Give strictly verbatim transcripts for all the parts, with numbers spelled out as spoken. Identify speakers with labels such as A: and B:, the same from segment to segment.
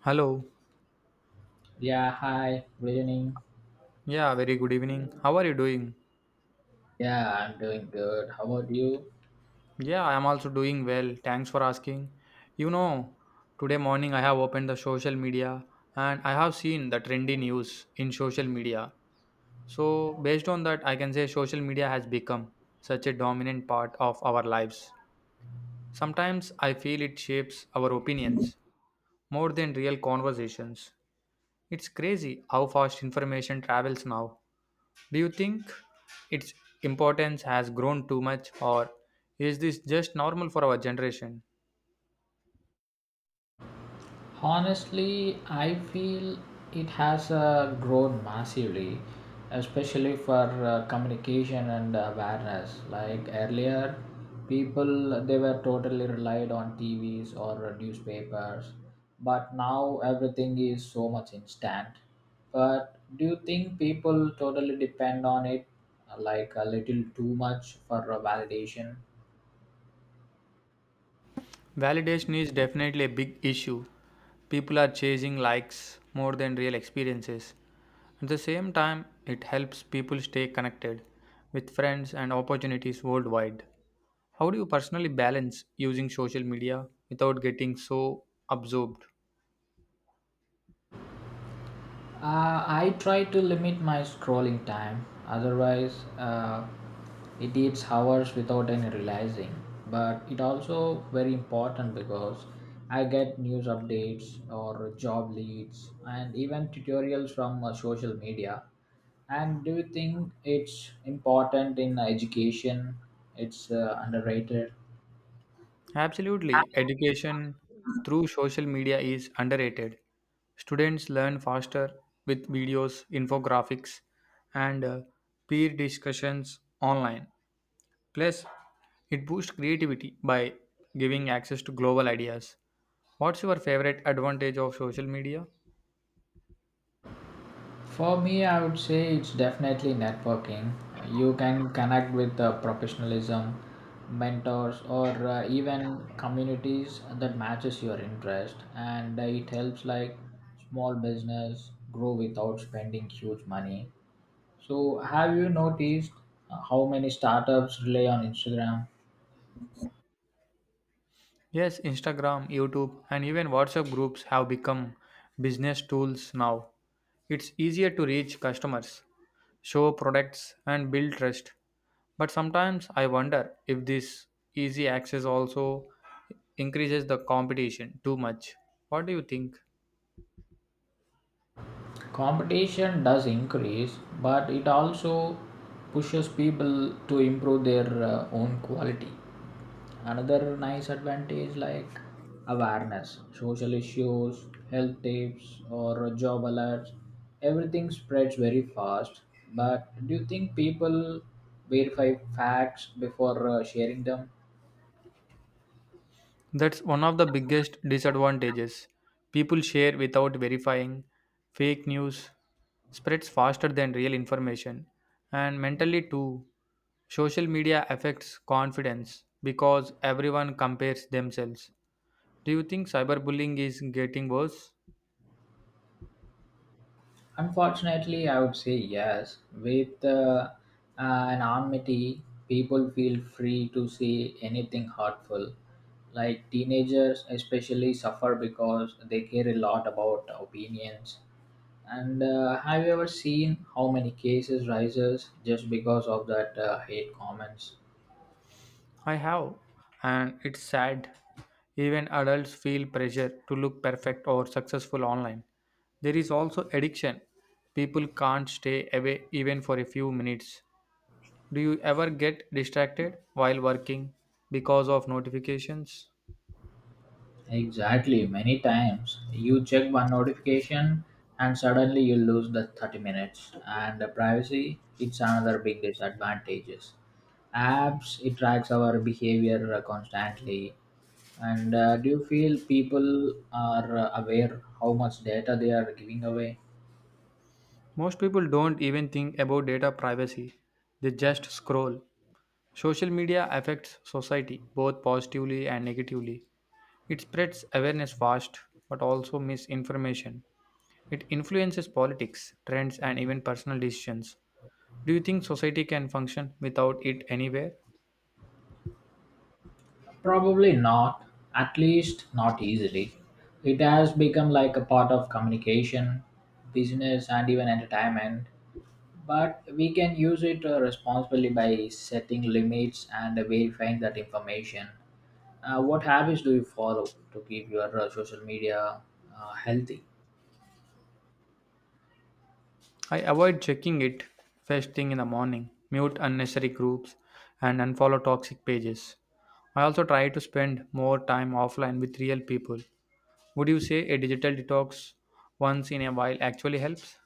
A: Hello.
B: Yeah, hi, good evening.
A: Yeah, very good evening. How are you doing?
B: Yeah, I'm doing good. How about you?
A: Yeah, I am also doing well. Thanks for asking. You know, today morning I have opened the social media and I have seen the trendy news in social media. So, based on that, I can say social media has become such a dominant part of our lives. Sometimes I feel it shapes our opinions more than real conversations. It's crazy how fast information travels now. Do you think its importance has grown too much, or is this just normal for our generation?
B: Honestly, I feel it has uh, grown massively, especially for uh, communication and awareness. Like earlier, people they were totally relied on T Vs or newspapers, but now everything is so much instant. But do you think people totally depend on it, like a little too much for uh, validation?
A: Validation is definitely a big issue. People are chasing likes more than real experiences. At the same time, it helps people stay connected with friends and opportunities worldwide. How do you personally balance using social media without getting so absorbed?
B: Uh, I try to limit my scrolling time, otherwise, uh, it eats hours without any realizing. But it also very important because I get news updates or job leads and even tutorials from uh, social media. And do you think it's important in education? It's uh, underrated.
A: Absolutely. Education through social media is underrated. Students learn faster with videos, infographics, and uh, peer discussions online. Plus, it boosts creativity by giving access to global ideas. What's your favorite advantage of social media?
B: For me, I would say it's definitely networking. You can connect with uh, professionalism, mentors, or uh, even communities that matches your interest, and uh, it helps like small business grow without spending huge money. So, have you noticed uh, how many startups rely on Instagram?
A: Yes, Instagram, YouTube, and even WhatsApp groups have become business tools now. It's easier to reach customers, show products, and build trust. But sometimes I wonder if this easy access also increases the competition too much. What do you think?
B: Competition does increase, but it also pushes people to improve their uh, own quality. Another nice advantage, like awareness social issues, health tips, or job alerts, everything spreads very fast. But do you think people verify facts before uh, sharing them?
A: That's one of the biggest disadvantages. People share without verifying, fake news spreads faster than real information, and mentally too. Social media affects confidence because everyone compares themselves. Do you think cyberbullying is getting worse?
B: Unfortunately, I would say yes. With uh, uh, an anonymity, people feel free to say anything hurtful. Like teenagers, especially, suffer because they care a lot about opinions. And uh, have you ever seen how many cases rises just because of that uh, hate comments?
A: I have, and it's sad. Even adults feel pressure to look perfect or successful online. There is also addiction. People can't stay away even for a few minutes. Do you ever get distracted while working because of notifications?
B: Exactly, many times you check one notification and suddenly you lose the thirty minutes. And the privacy, it's another big disadvantages. Apps it tracks our behavior uh, constantly, and uh, do you feel people are uh, aware how much data they are giving away?
A: Most people don't even think about data privacy, they just scroll. Social media affects society both positively and negatively. It spreads awareness fast but also misinformation. It influences politics, trends, and even personal decisions. Do you think society can function without it anywhere?
B: Probably not, at least not easily. It has become like a part of communication, business, and even entertainment. But we can use it uh, responsibly by setting limits and verifying that information. Uh, what habits do you follow to keep your uh, social media uh, healthy?
A: I avoid checking it first thing in the morning, mute unnecessary groups, and unfollow toxic pages. I also try to spend more time offline with real people. Would you say a digital detox once in a while actually helps?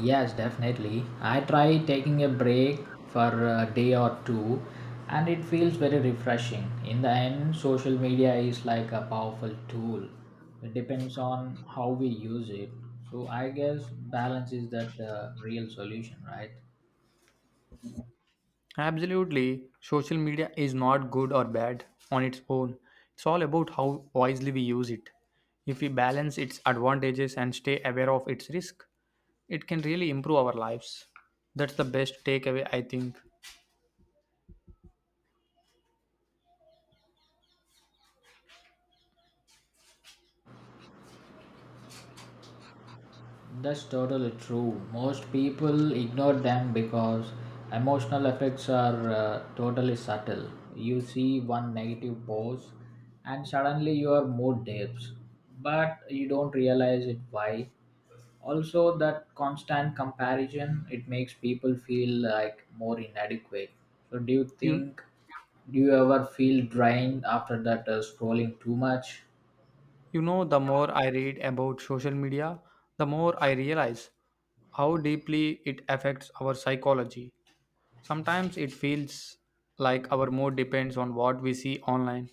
B: Yes, definitely. I try taking a break for a day or two, and it feels very refreshing. In the end, social media is like a powerful tool. It depends on how we use it. So I guess balance is that uh, real solution, right?
A: Absolutely. Social media is not good or bad on its own. It's all about how wisely we use it. If we balance its advantages and stay aware of its risk, it can really improve our lives. That's the best takeaway, I think.
B: That's totally true. Most people ignore them because emotional effects are uh, totally subtle. You see one negative pose and suddenly your mood dips, but you don't realize it why. Also, that constant comparison it makes people feel like more inadequate. So, do you
A: You,
B: think do you ever feel drained after that uh, scrolling too much?
A: you know, the more I read about social media, the more I realize how deeply it affects our psychology. Sometimes it feels like our mood depends on what we see online.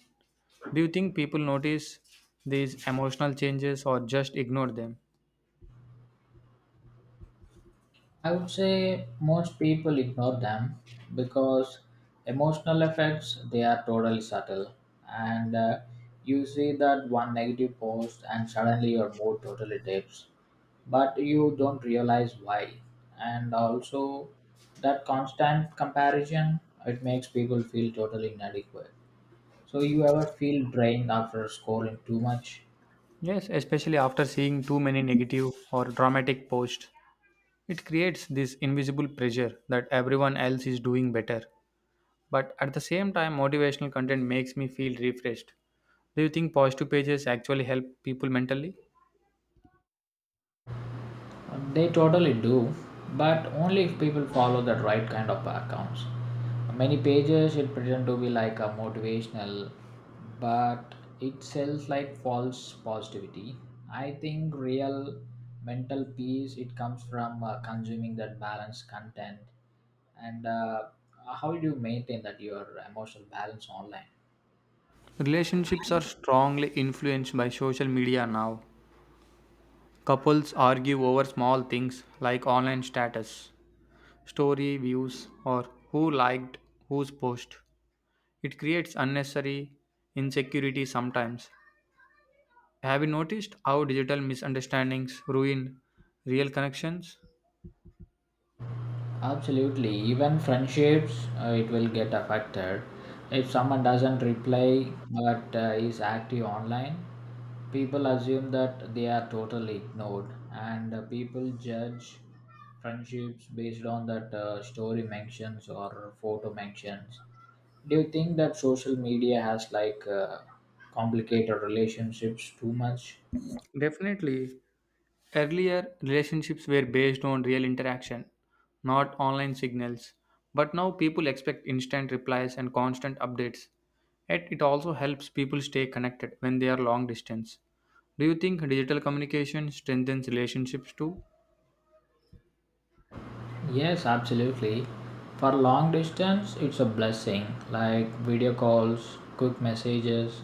A: Do you think people notice these emotional changes or just ignore them?
B: I would say most people ignore them because emotional effects they are totally subtle, and uh, you see that one negative post and suddenly your mood totally dips, but you don't realize why. And also, that constant comparison it makes people feel totally inadequate. So you ever feel drained after scoring too much?
A: Yes, especially after seeing too many negative or dramatic posts. It creates this invisible pressure that everyone else is doing better. But at the same time, motivational content makes me feel refreshed. Do you think positive pages actually help people mentally?
B: They totally do, but only if people follow the right kind of accounts. Many pages it pretend to be like a motivational, but it sells like false positivity. I think real mental peace it comes from uh, consuming that balanced content. And uh, how do you maintain that your emotional balance online?
A: Relationships are strongly influenced by social media now. Couples argue over small things like online status, story views, or who liked whose post. It creates unnecessary insecurity sometimes. Have you noticed how digital misunderstandings ruin real connections?
B: Absolutely. Even friendships, uh, it will get affected. If someone doesn't reply but uh, is active online, people assume that they are totally ignored, and uh, people judge friendships based on that uh, story mentions or photo mentions. Do you think that social media has like uh, complicated relationships too much?
A: Definitely. Earlier, relationships were based on real interaction, not online signals, but now people expect instant replies and constant updates. Yet it also helps people stay connected when they are long distance. Do you think digital communication strengthens relationships too?
B: Yes, absolutely. For long distance, it's a blessing. Like video calls, quick messages,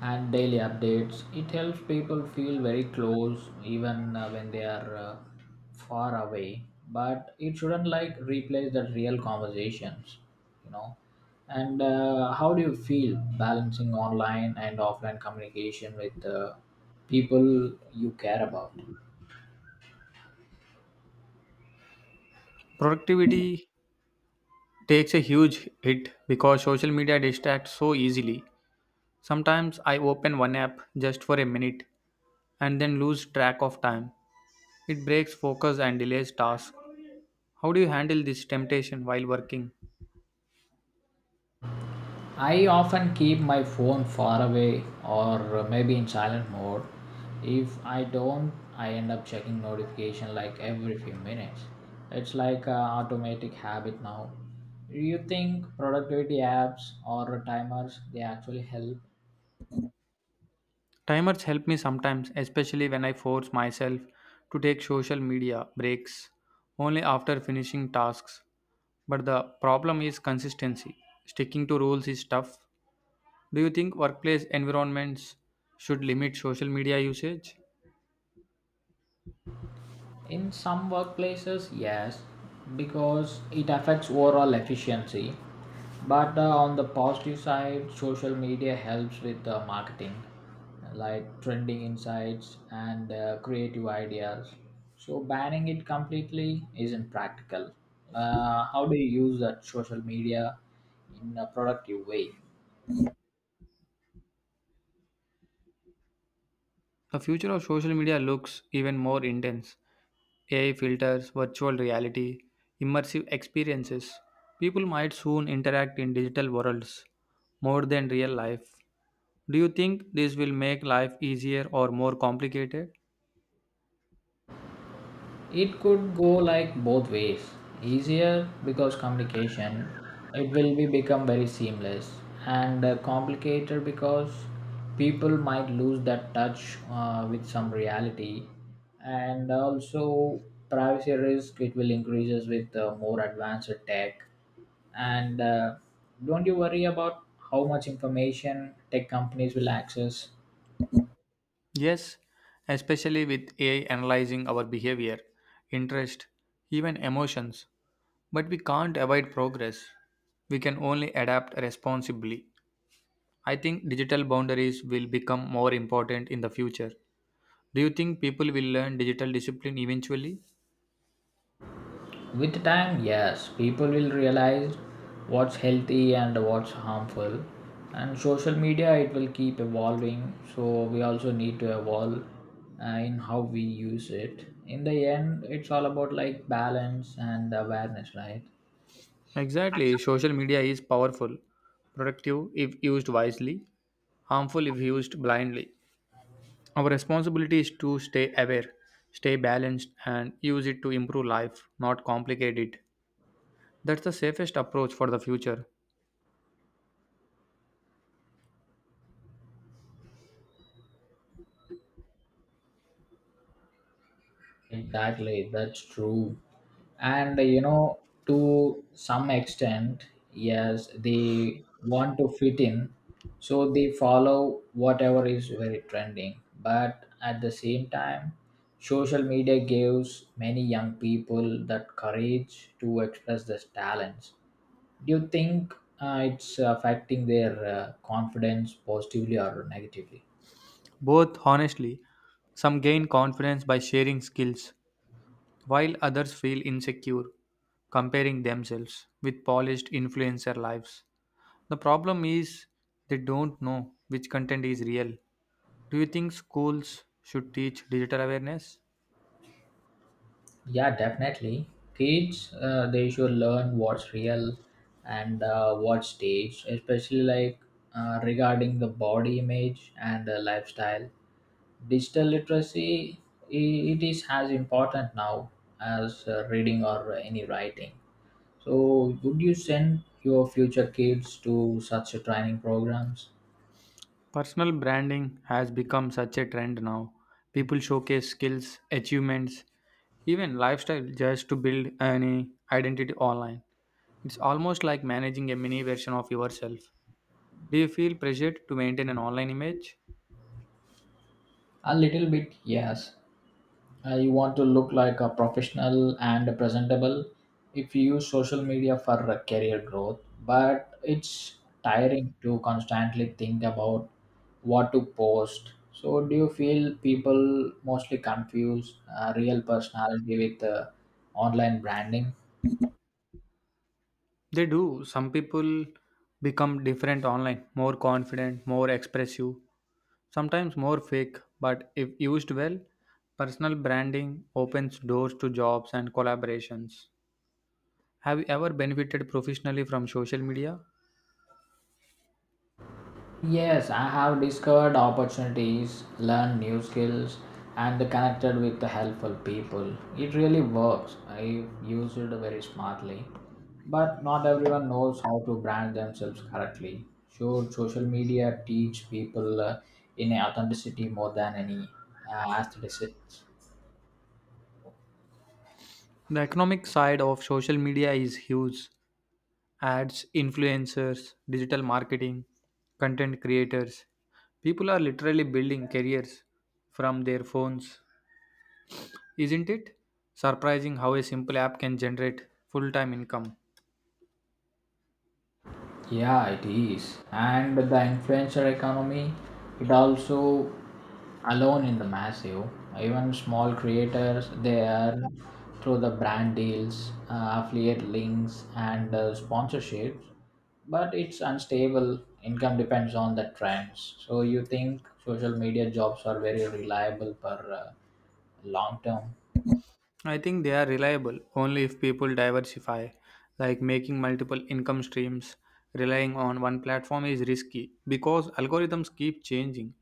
B: and daily updates. It helps people feel very close even uh, when they are uh, far away. But it shouldn't like replace the real conversations, you know. And uh, how do you feel balancing online and offline communication with uh, people you care about?
A: Productivity takes a huge hit because social media distracts so easily. Sometimes I open one app just for a minute and then lose track of time. It breaks focus and delays tasks. How do you handle this temptation while working?
B: I often keep my phone far away or maybe in silent mode. If I don't, I end up checking notification like every few minutes. It's like an automatic habit now. Do you think productivity apps or timers they actually help?
A: Timers help me sometimes, especially when I force myself to take social media breaks only after finishing tasks. But the problem is consistency. Sticking to rules is tough. Do you think workplace environments should limit social media usage?
B: In some workplaces, yes, because it affects overall efficiency. But uh, on the positive side, social media helps with uh, marketing, like trending insights and uh, creative ideas. So banning it completely isn't practical. Uh, how do you use that social media in a productive way?
A: The future of social media looks even more intense. A I filters, virtual reality, immersive experiences. People might soon interact in digital worlds more than real life. Do you think this will make life easier or more complicated?
B: It could go like both ways, easier because communication it will be become very seamless, and uh, complicated because people might lose that touch uh, with some reality. And also privacy risk it will increases with uh, more advanced tech. And uh, don't you worry about how much information tech companies will access?
A: Yes, especially with A I analyzing our behavior, interest, even emotions. But we can't avoid progress. We can only adapt responsibly. I think digital boundaries will become more important in the future. Do you think people will learn digital discipline eventually?
B: With time, yes, people will realize what's healthy and what's harmful. And social media, it will keep evolving. So we also need to evolve uh, in how we use it. In the end, it's all about like balance and awareness, right?
A: Exactly. Social media is powerful, productive if used wisely, harmful if used blindly. Our responsibility is to stay aware, stay balanced, and use it to improve life, not complicate it. That's the safest approach for the future.
B: Exactly, that's true. And you know, to some extent, yes, they want to fit in, so they follow whatever is very trending. But at the same time, social media gives many young people that courage to express their talents. Do you think uh, it's affecting their uh, confidence positively or negatively?
A: Both, honestly, some gain confidence by sharing skills, while others feel insecure comparing themselves with polished influencer lives. The problem is they don't know which content is real. Do you think schools should teach digital awareness?
B: Yeah, definitely. Kids, uh, they should learn what's real and uh, what's staged, especially like uh, regarding the body image and the lifestyle. Digital literacy, i- it is as important now as uh, reading or any writing. So, would you send your future kids to such a training programs?
A: Personal branding has become such a trend now. People showcase skills, achievements, even lifestyle just to build an identity online. It's almost like managing a mini version of yourself. Do you feel pressured to maintain an online image?
B: A little bit, yes. Uh, you want to look like a professional and presentable if you use social media for uh, career growth, but it's tiring to constantly think about what to post. So do you feel people mostly confuse uh, real personality with uh, online branding?
A: They do. Some people become different online, more confident, more expressive, sometimes more fake, but if used well, personal branding opens doors to jobs and collaborations. Have you ever benefited professionally from social media?
B: Yes, I have discovered opportunities, learned new skills, and connected with the helpful people. It really works. I use it very smartly. But not everyone knows how to brand themselves correctly. Should social media teach people uh, in authenticity more than any uh, aesthetics?
A: The economic side of social media is huge. Ads, influencers, digital marketing, content creators. People are literally building careers from their phones. Isn't it surprising how a simple app can generate full time income?
B: Yeah, it is. And the influencer economy, it also alone in the massive. Even small creators, they earn through the brand deals, uh, affiliate links, and uh, sponsorships. But it's unstable. Income depends on the trends. So you think social media jobs are very reliable for uh, long term?
A: I think they are reliable only if people diversify, like making multiple income streams. Relying on one platform is risky because algorithms keep changing,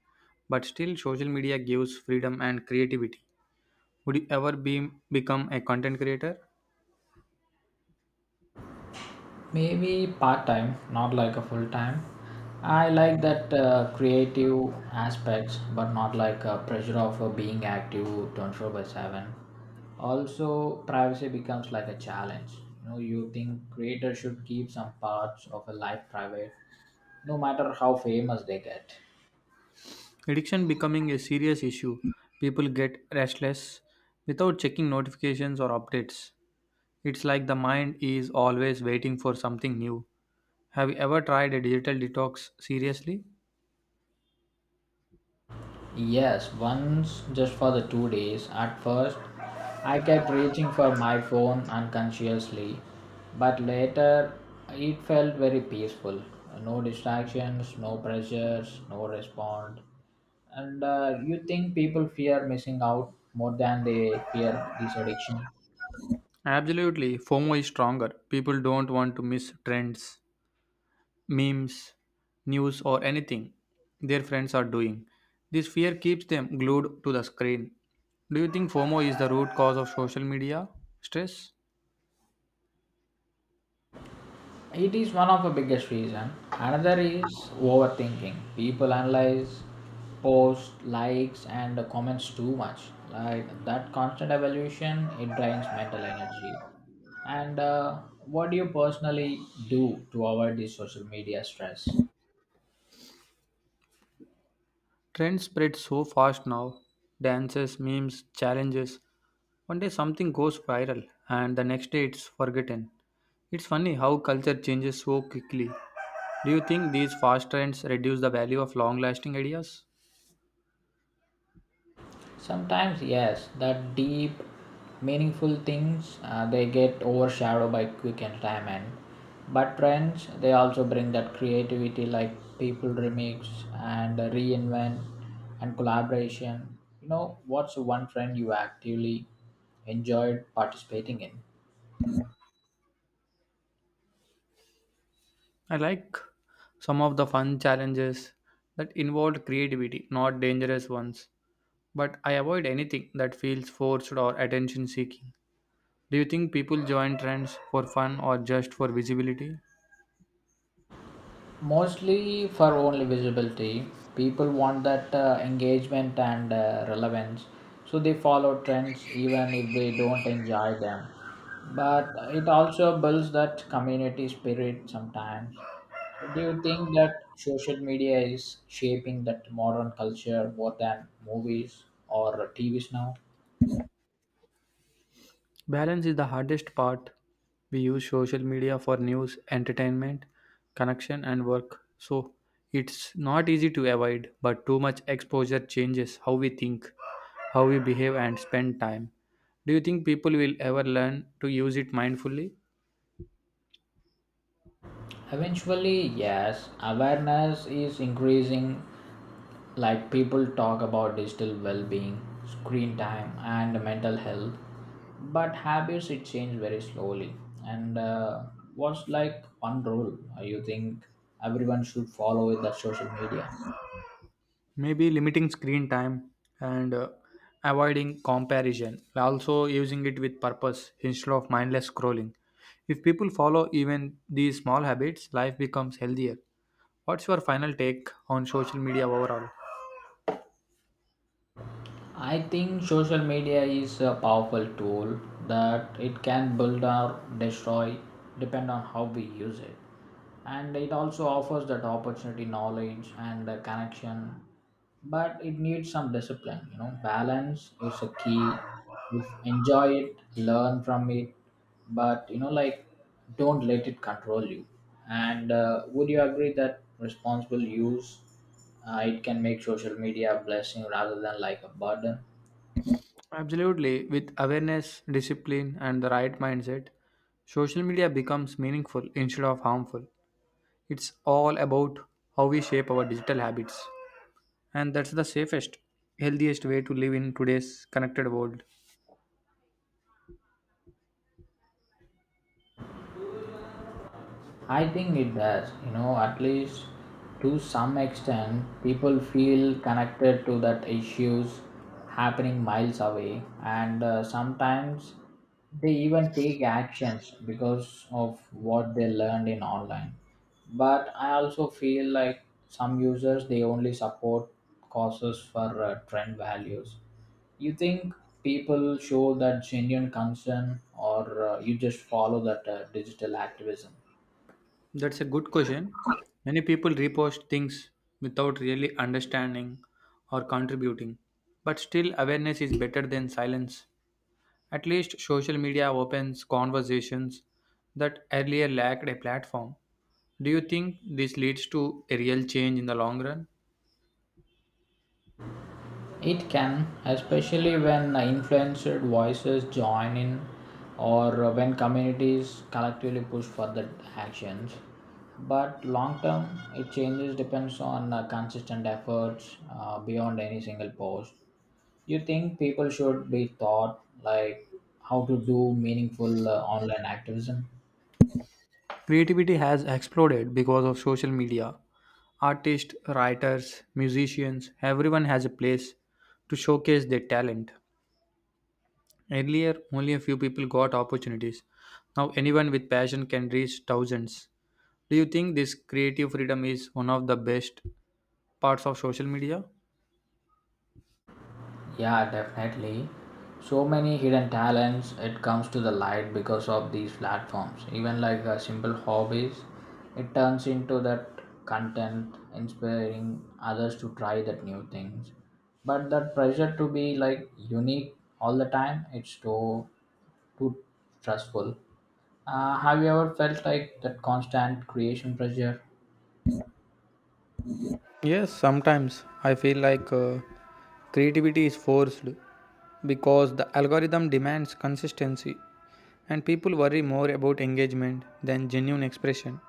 A: but still, social media gives freedom and creativity. Would you ever be, become a content creator?
B: Maybe part time, not like a full time. I like that uh, creative aspects, but not like a pressure of uh, being active twenty-four by seven. Also, privacy becomes like a challenge. You know, you think creators should keep some parts of a life private, no matter how famous they get.
A: Addiction becoming a serious issue. People get restless without checking notifications or updates. It's like the mind is always waiting for something new. Have you ever tried a digital detox seriously?
B: Yes, once just for the two days. At first, I kept reaching for my phone unconsciously, but later it felt very peaceful. No distractions, no pressures, no response. And uh, you think people fear missing out more than they fear this addiction?
A: Absolutely, FOMO is stronger. People don't want to miss trends, memes, news, or anything their friends are doing. This fear keeps them glued to the screen. Do you think FOMO is the root cause of social media stress?
B: It is one of the biggest reason. Another is overthinking. People analyze posts, likes, and comments too much. Like that constant evaluation, it drains mental energy. And uh, what do you personally do to avoid this social media stress?
A: Trends spread so fast now, dances, memes, challenges. One day something goes viral, and the next day it's forgotten. It's funny how culture changes so quickly. Do you think these fast trends reduce the value of long lasting ideas?
B: Sometimes, yes, that deep, meaningful things uh, they get overshadowed by quick entertainment. But trends they also bring that creativity, like people remix and reinvent and collaboration. You know, what's one trend you actively enjoyed participating in?
A: I like some of the fun challenges that involved creativity, not dangerous ones. But I avoid anything that feels forced or attention seeking. Do you think people join trends for fun or just for visibility?
B: Mostly for only visibility. People want that uh, engagement and uh, relevance, so they follow trends even if they don't enjoy them. But it also builds that community spirit sometimes. So do you think that social media is shaping that modern culture more than movies or tvs now?
A: Balance is the hardest part. We use social media for news, entertainment, connection, and work. So it's not easy to avoid, but too much exposure changes how we think, how we behave, and spend time. Do you think people will ever learn to use it mindfully?
B: Eventually, yes, awareness is increasing. Like people talk about digital well being, screen time, and mental health, but habits it change very slowly. And uh, what's like one rule uh, you think everyone should follow with that social media?
A: Maybe limiting screen time and uh, avoiding comparison. Also, using it with purpose instead of mindless scrolling. If people follow even these small habits, life becomes healthier. What's your final take on social media overall?
B: I think social media is a powerful tool that it can build or destroy depend on how we use it. And it also offers that opportunity, knowledge and uh, connection, but it needs some discipline, you know, balance is a key. Just enjoy it, learn from it, but you know, like don't let it control you. And uh, would you agree that responsible use uh, it can make social media a blessing rather than like a burden?
A: Absolutely. With awareness, discipline, and the right mindset, social media becomes meaningful instead of harmful. It's all about how we shape our digital habits. And that's the safest, healthiest way to live in today's connected world.
B: I think it does, you know, at least to some extent people feel connected to that issues happening miles away, and uh, sometimes they even take actions because of what they learned in online. But I also feel like some users they only support causes for uh, trend values. You think people show that genuine concern, or uh, you just follow that uh, digital activism?
A: That's a good question. Many people repost things without really understanding or contributing. But still, awareness is better than silence. At least social media opens conversations that earlier lacked a platform. Do you think this leads to a real change in the long run?
B: It can, especially when influencer voices join in or when communities collectively push for the actions. But long term, it changes depends on uh, consistent efforts uh, beyond any single post. You think people should be taught like how to do meaningful uh, online activism?
A: Creativity has exploded because of social media. Artists, writers, musicians, everyone has a place to showcase their talent. Earlier, only a few people got opportunities. Now, anyone with passion can reach thousands. Do you think this creative freedom is one of the best parts of social media?
B: Yeah, definitely. So many hidden talents it comes to the light because of these platforms. Even like uh, simple hobbies, it turns into that content, inspiring others to try that new things. But that pressure to be like unique all the time, it's too too stressful. Uh, have you ever felt like that constant creation pressure?
A: Yes, sometimes I feel like uh, creativity is forced because the algorithm demands consistency and people worry more about engagement than genuine expression.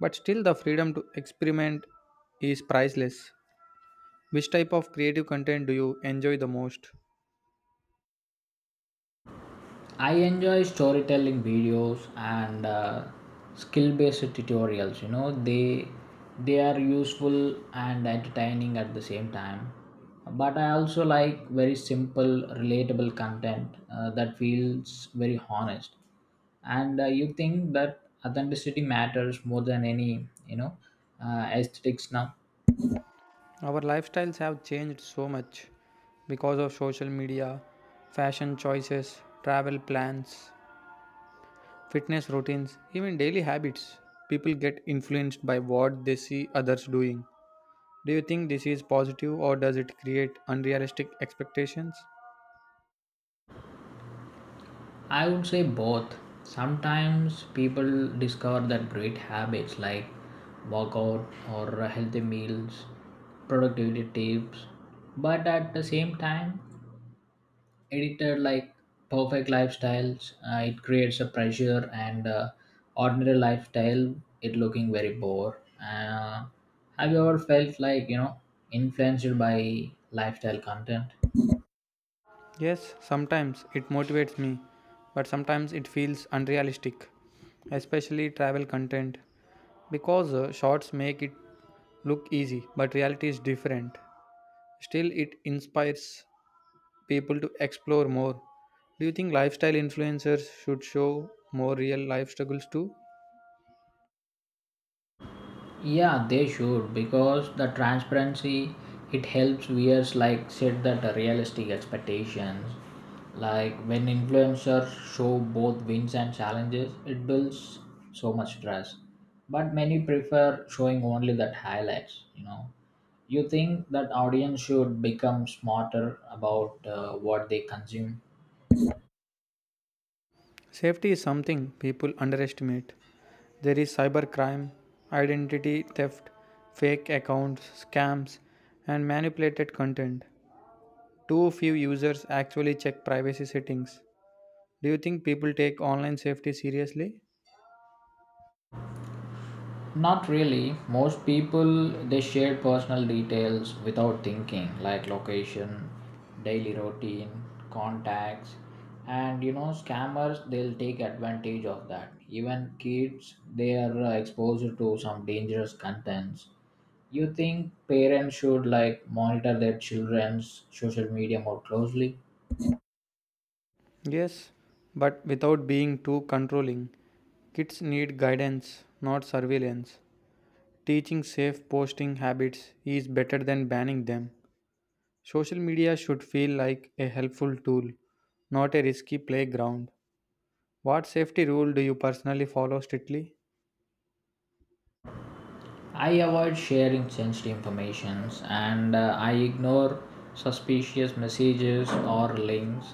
A: But still, the freedom to experiment is priceless. Which type of creative content do you enjoy the most?
B: I enjoy storytelling videos and uh, skill-based tutorials. You know, they they are useful and entertaining at the same time. But I also like very simple, relatable content uh, that feels very honest. And uh, you think that authenticity matters more than any, you know, uh, aesthetics now.
A: Our lifestyles have changed so much because of social media, fashion choices, travel plans, fitness routines, even daily habits. People get influenced by what they see others doing. Do you think this is positive or does it create unrealistic expectations?
B: I would say both. Sometimes people discover that great habits like workout or healthy meals, productivity tips, but at the same time, edited like perfect lifestyles, uh, it creates a pressure and uh, ordinary lifestyle, it looking very bored. Uh, have you ever felt like you know influenced by lifestyle content?
A: Yes, sometimes it motivates me, but sometimes it feels unrealistic, especially travel content, because uh, shorts make it look easy, but reality is different. Still, it inspires people to explore more. Do you think lifestyle influencers should show more real life struggles too?
B: Yeah, they should because the transparency it helps viewers like set that the realistic expectations. Like when influencers show both wins and challenges, it builds so much trust. But many prefer showing only that highlights. You know, you think that audience should become smarter about uh, what they consume.
A: Safety is something people underestimate. There is cybercrime, identity theft, fake accounts, scams, and manipulated content. Too few users actually check privacy settings. Do you think people take online safety seriously?
B: Not really. Most people they share personal details without thinking, like location, daily routine, contacts, and you know scammers they'll take advantage of that. Even kids they are uh, exposed to some dangerous contents. You think parents should like monitor their children's social media more closely?
A: Yes, but without being too controlling. Kids need guidance, not surveillance. Teaching safe posting habits is better than banning them. Social media should feel like a helpful tool, not a risky playground. What safety rule do you personally follow strictly?
B: I avoid sharing sensitive informations, and uh, I ignore suspicious messages or links.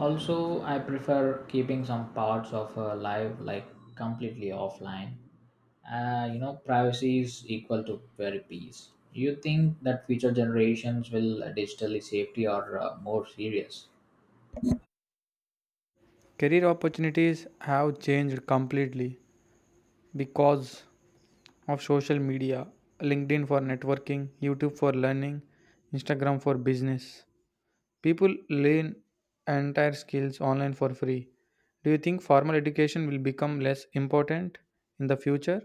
B: Also, I prefer keeping some parts of uh, life like completely offline. Uh, you know, privacy is equal to very peace. You think that future generations will uh, digitally safety or uh, more serious?
A: Career opportunities have changed completely because of social media. LinkedIn for networking, YouTube for learning, Instagram for business. People learn entire skills online for free. Do you think formal education will become less important in the future?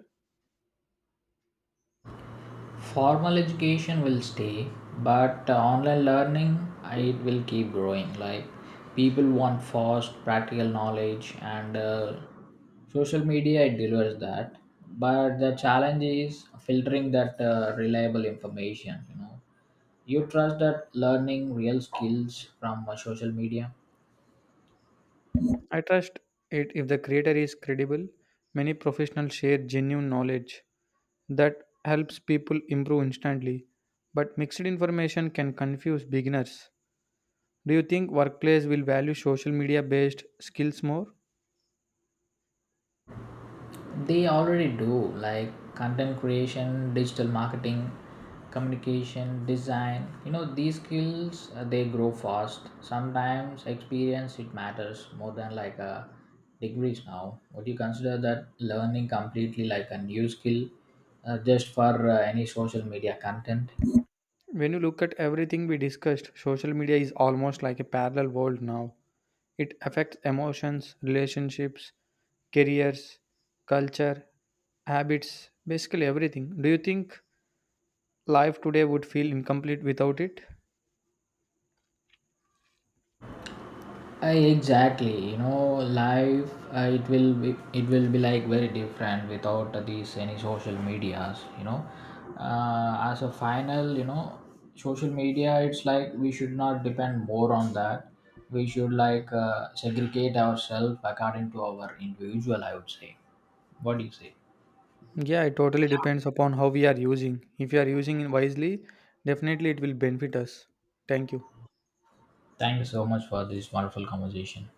B: Formal education will stay, but uh, online learning it will keep growing. Like people want fast practical knowledge and uh, social media it delivers that, but the challenge is filtering that uh, reliable information. You know, you trust that learning real skills from uh, social media?
A: I trust it if the creator is credible. Many professionals share genuine knowledge that helps people improve instantly, but mixed information can confuse beginners. Do you think workplace will value social media based skills more?
B: They already do, like content creation, digital marketing, communication design. You know, these skills uh, they grow fast. Sometimes experience it matters more than like a degrees now. Would you consider that learning completely like a new skill uh, just for uh, any social media content?
A: When you look at everything we discussed, social media is almost like a parallel world now. It affects emotions, relationships, careers, culture, habits, basically everything. Do you think life today would feel incomplete without it?
B: I exactly, you know, life uh, it will be it will be like very different without these any social medias, you know. Uh, as a final, you know, social media it's like we should not depend more on that. We should like uh, segregate ourselves according to our individual. I would say. What do you say?
A: Yeah, it totally depends upon how we are using. If we are using it wisely, definitely it will benefit us. Thank you.
B: Thank you so much for this wonderful conversation.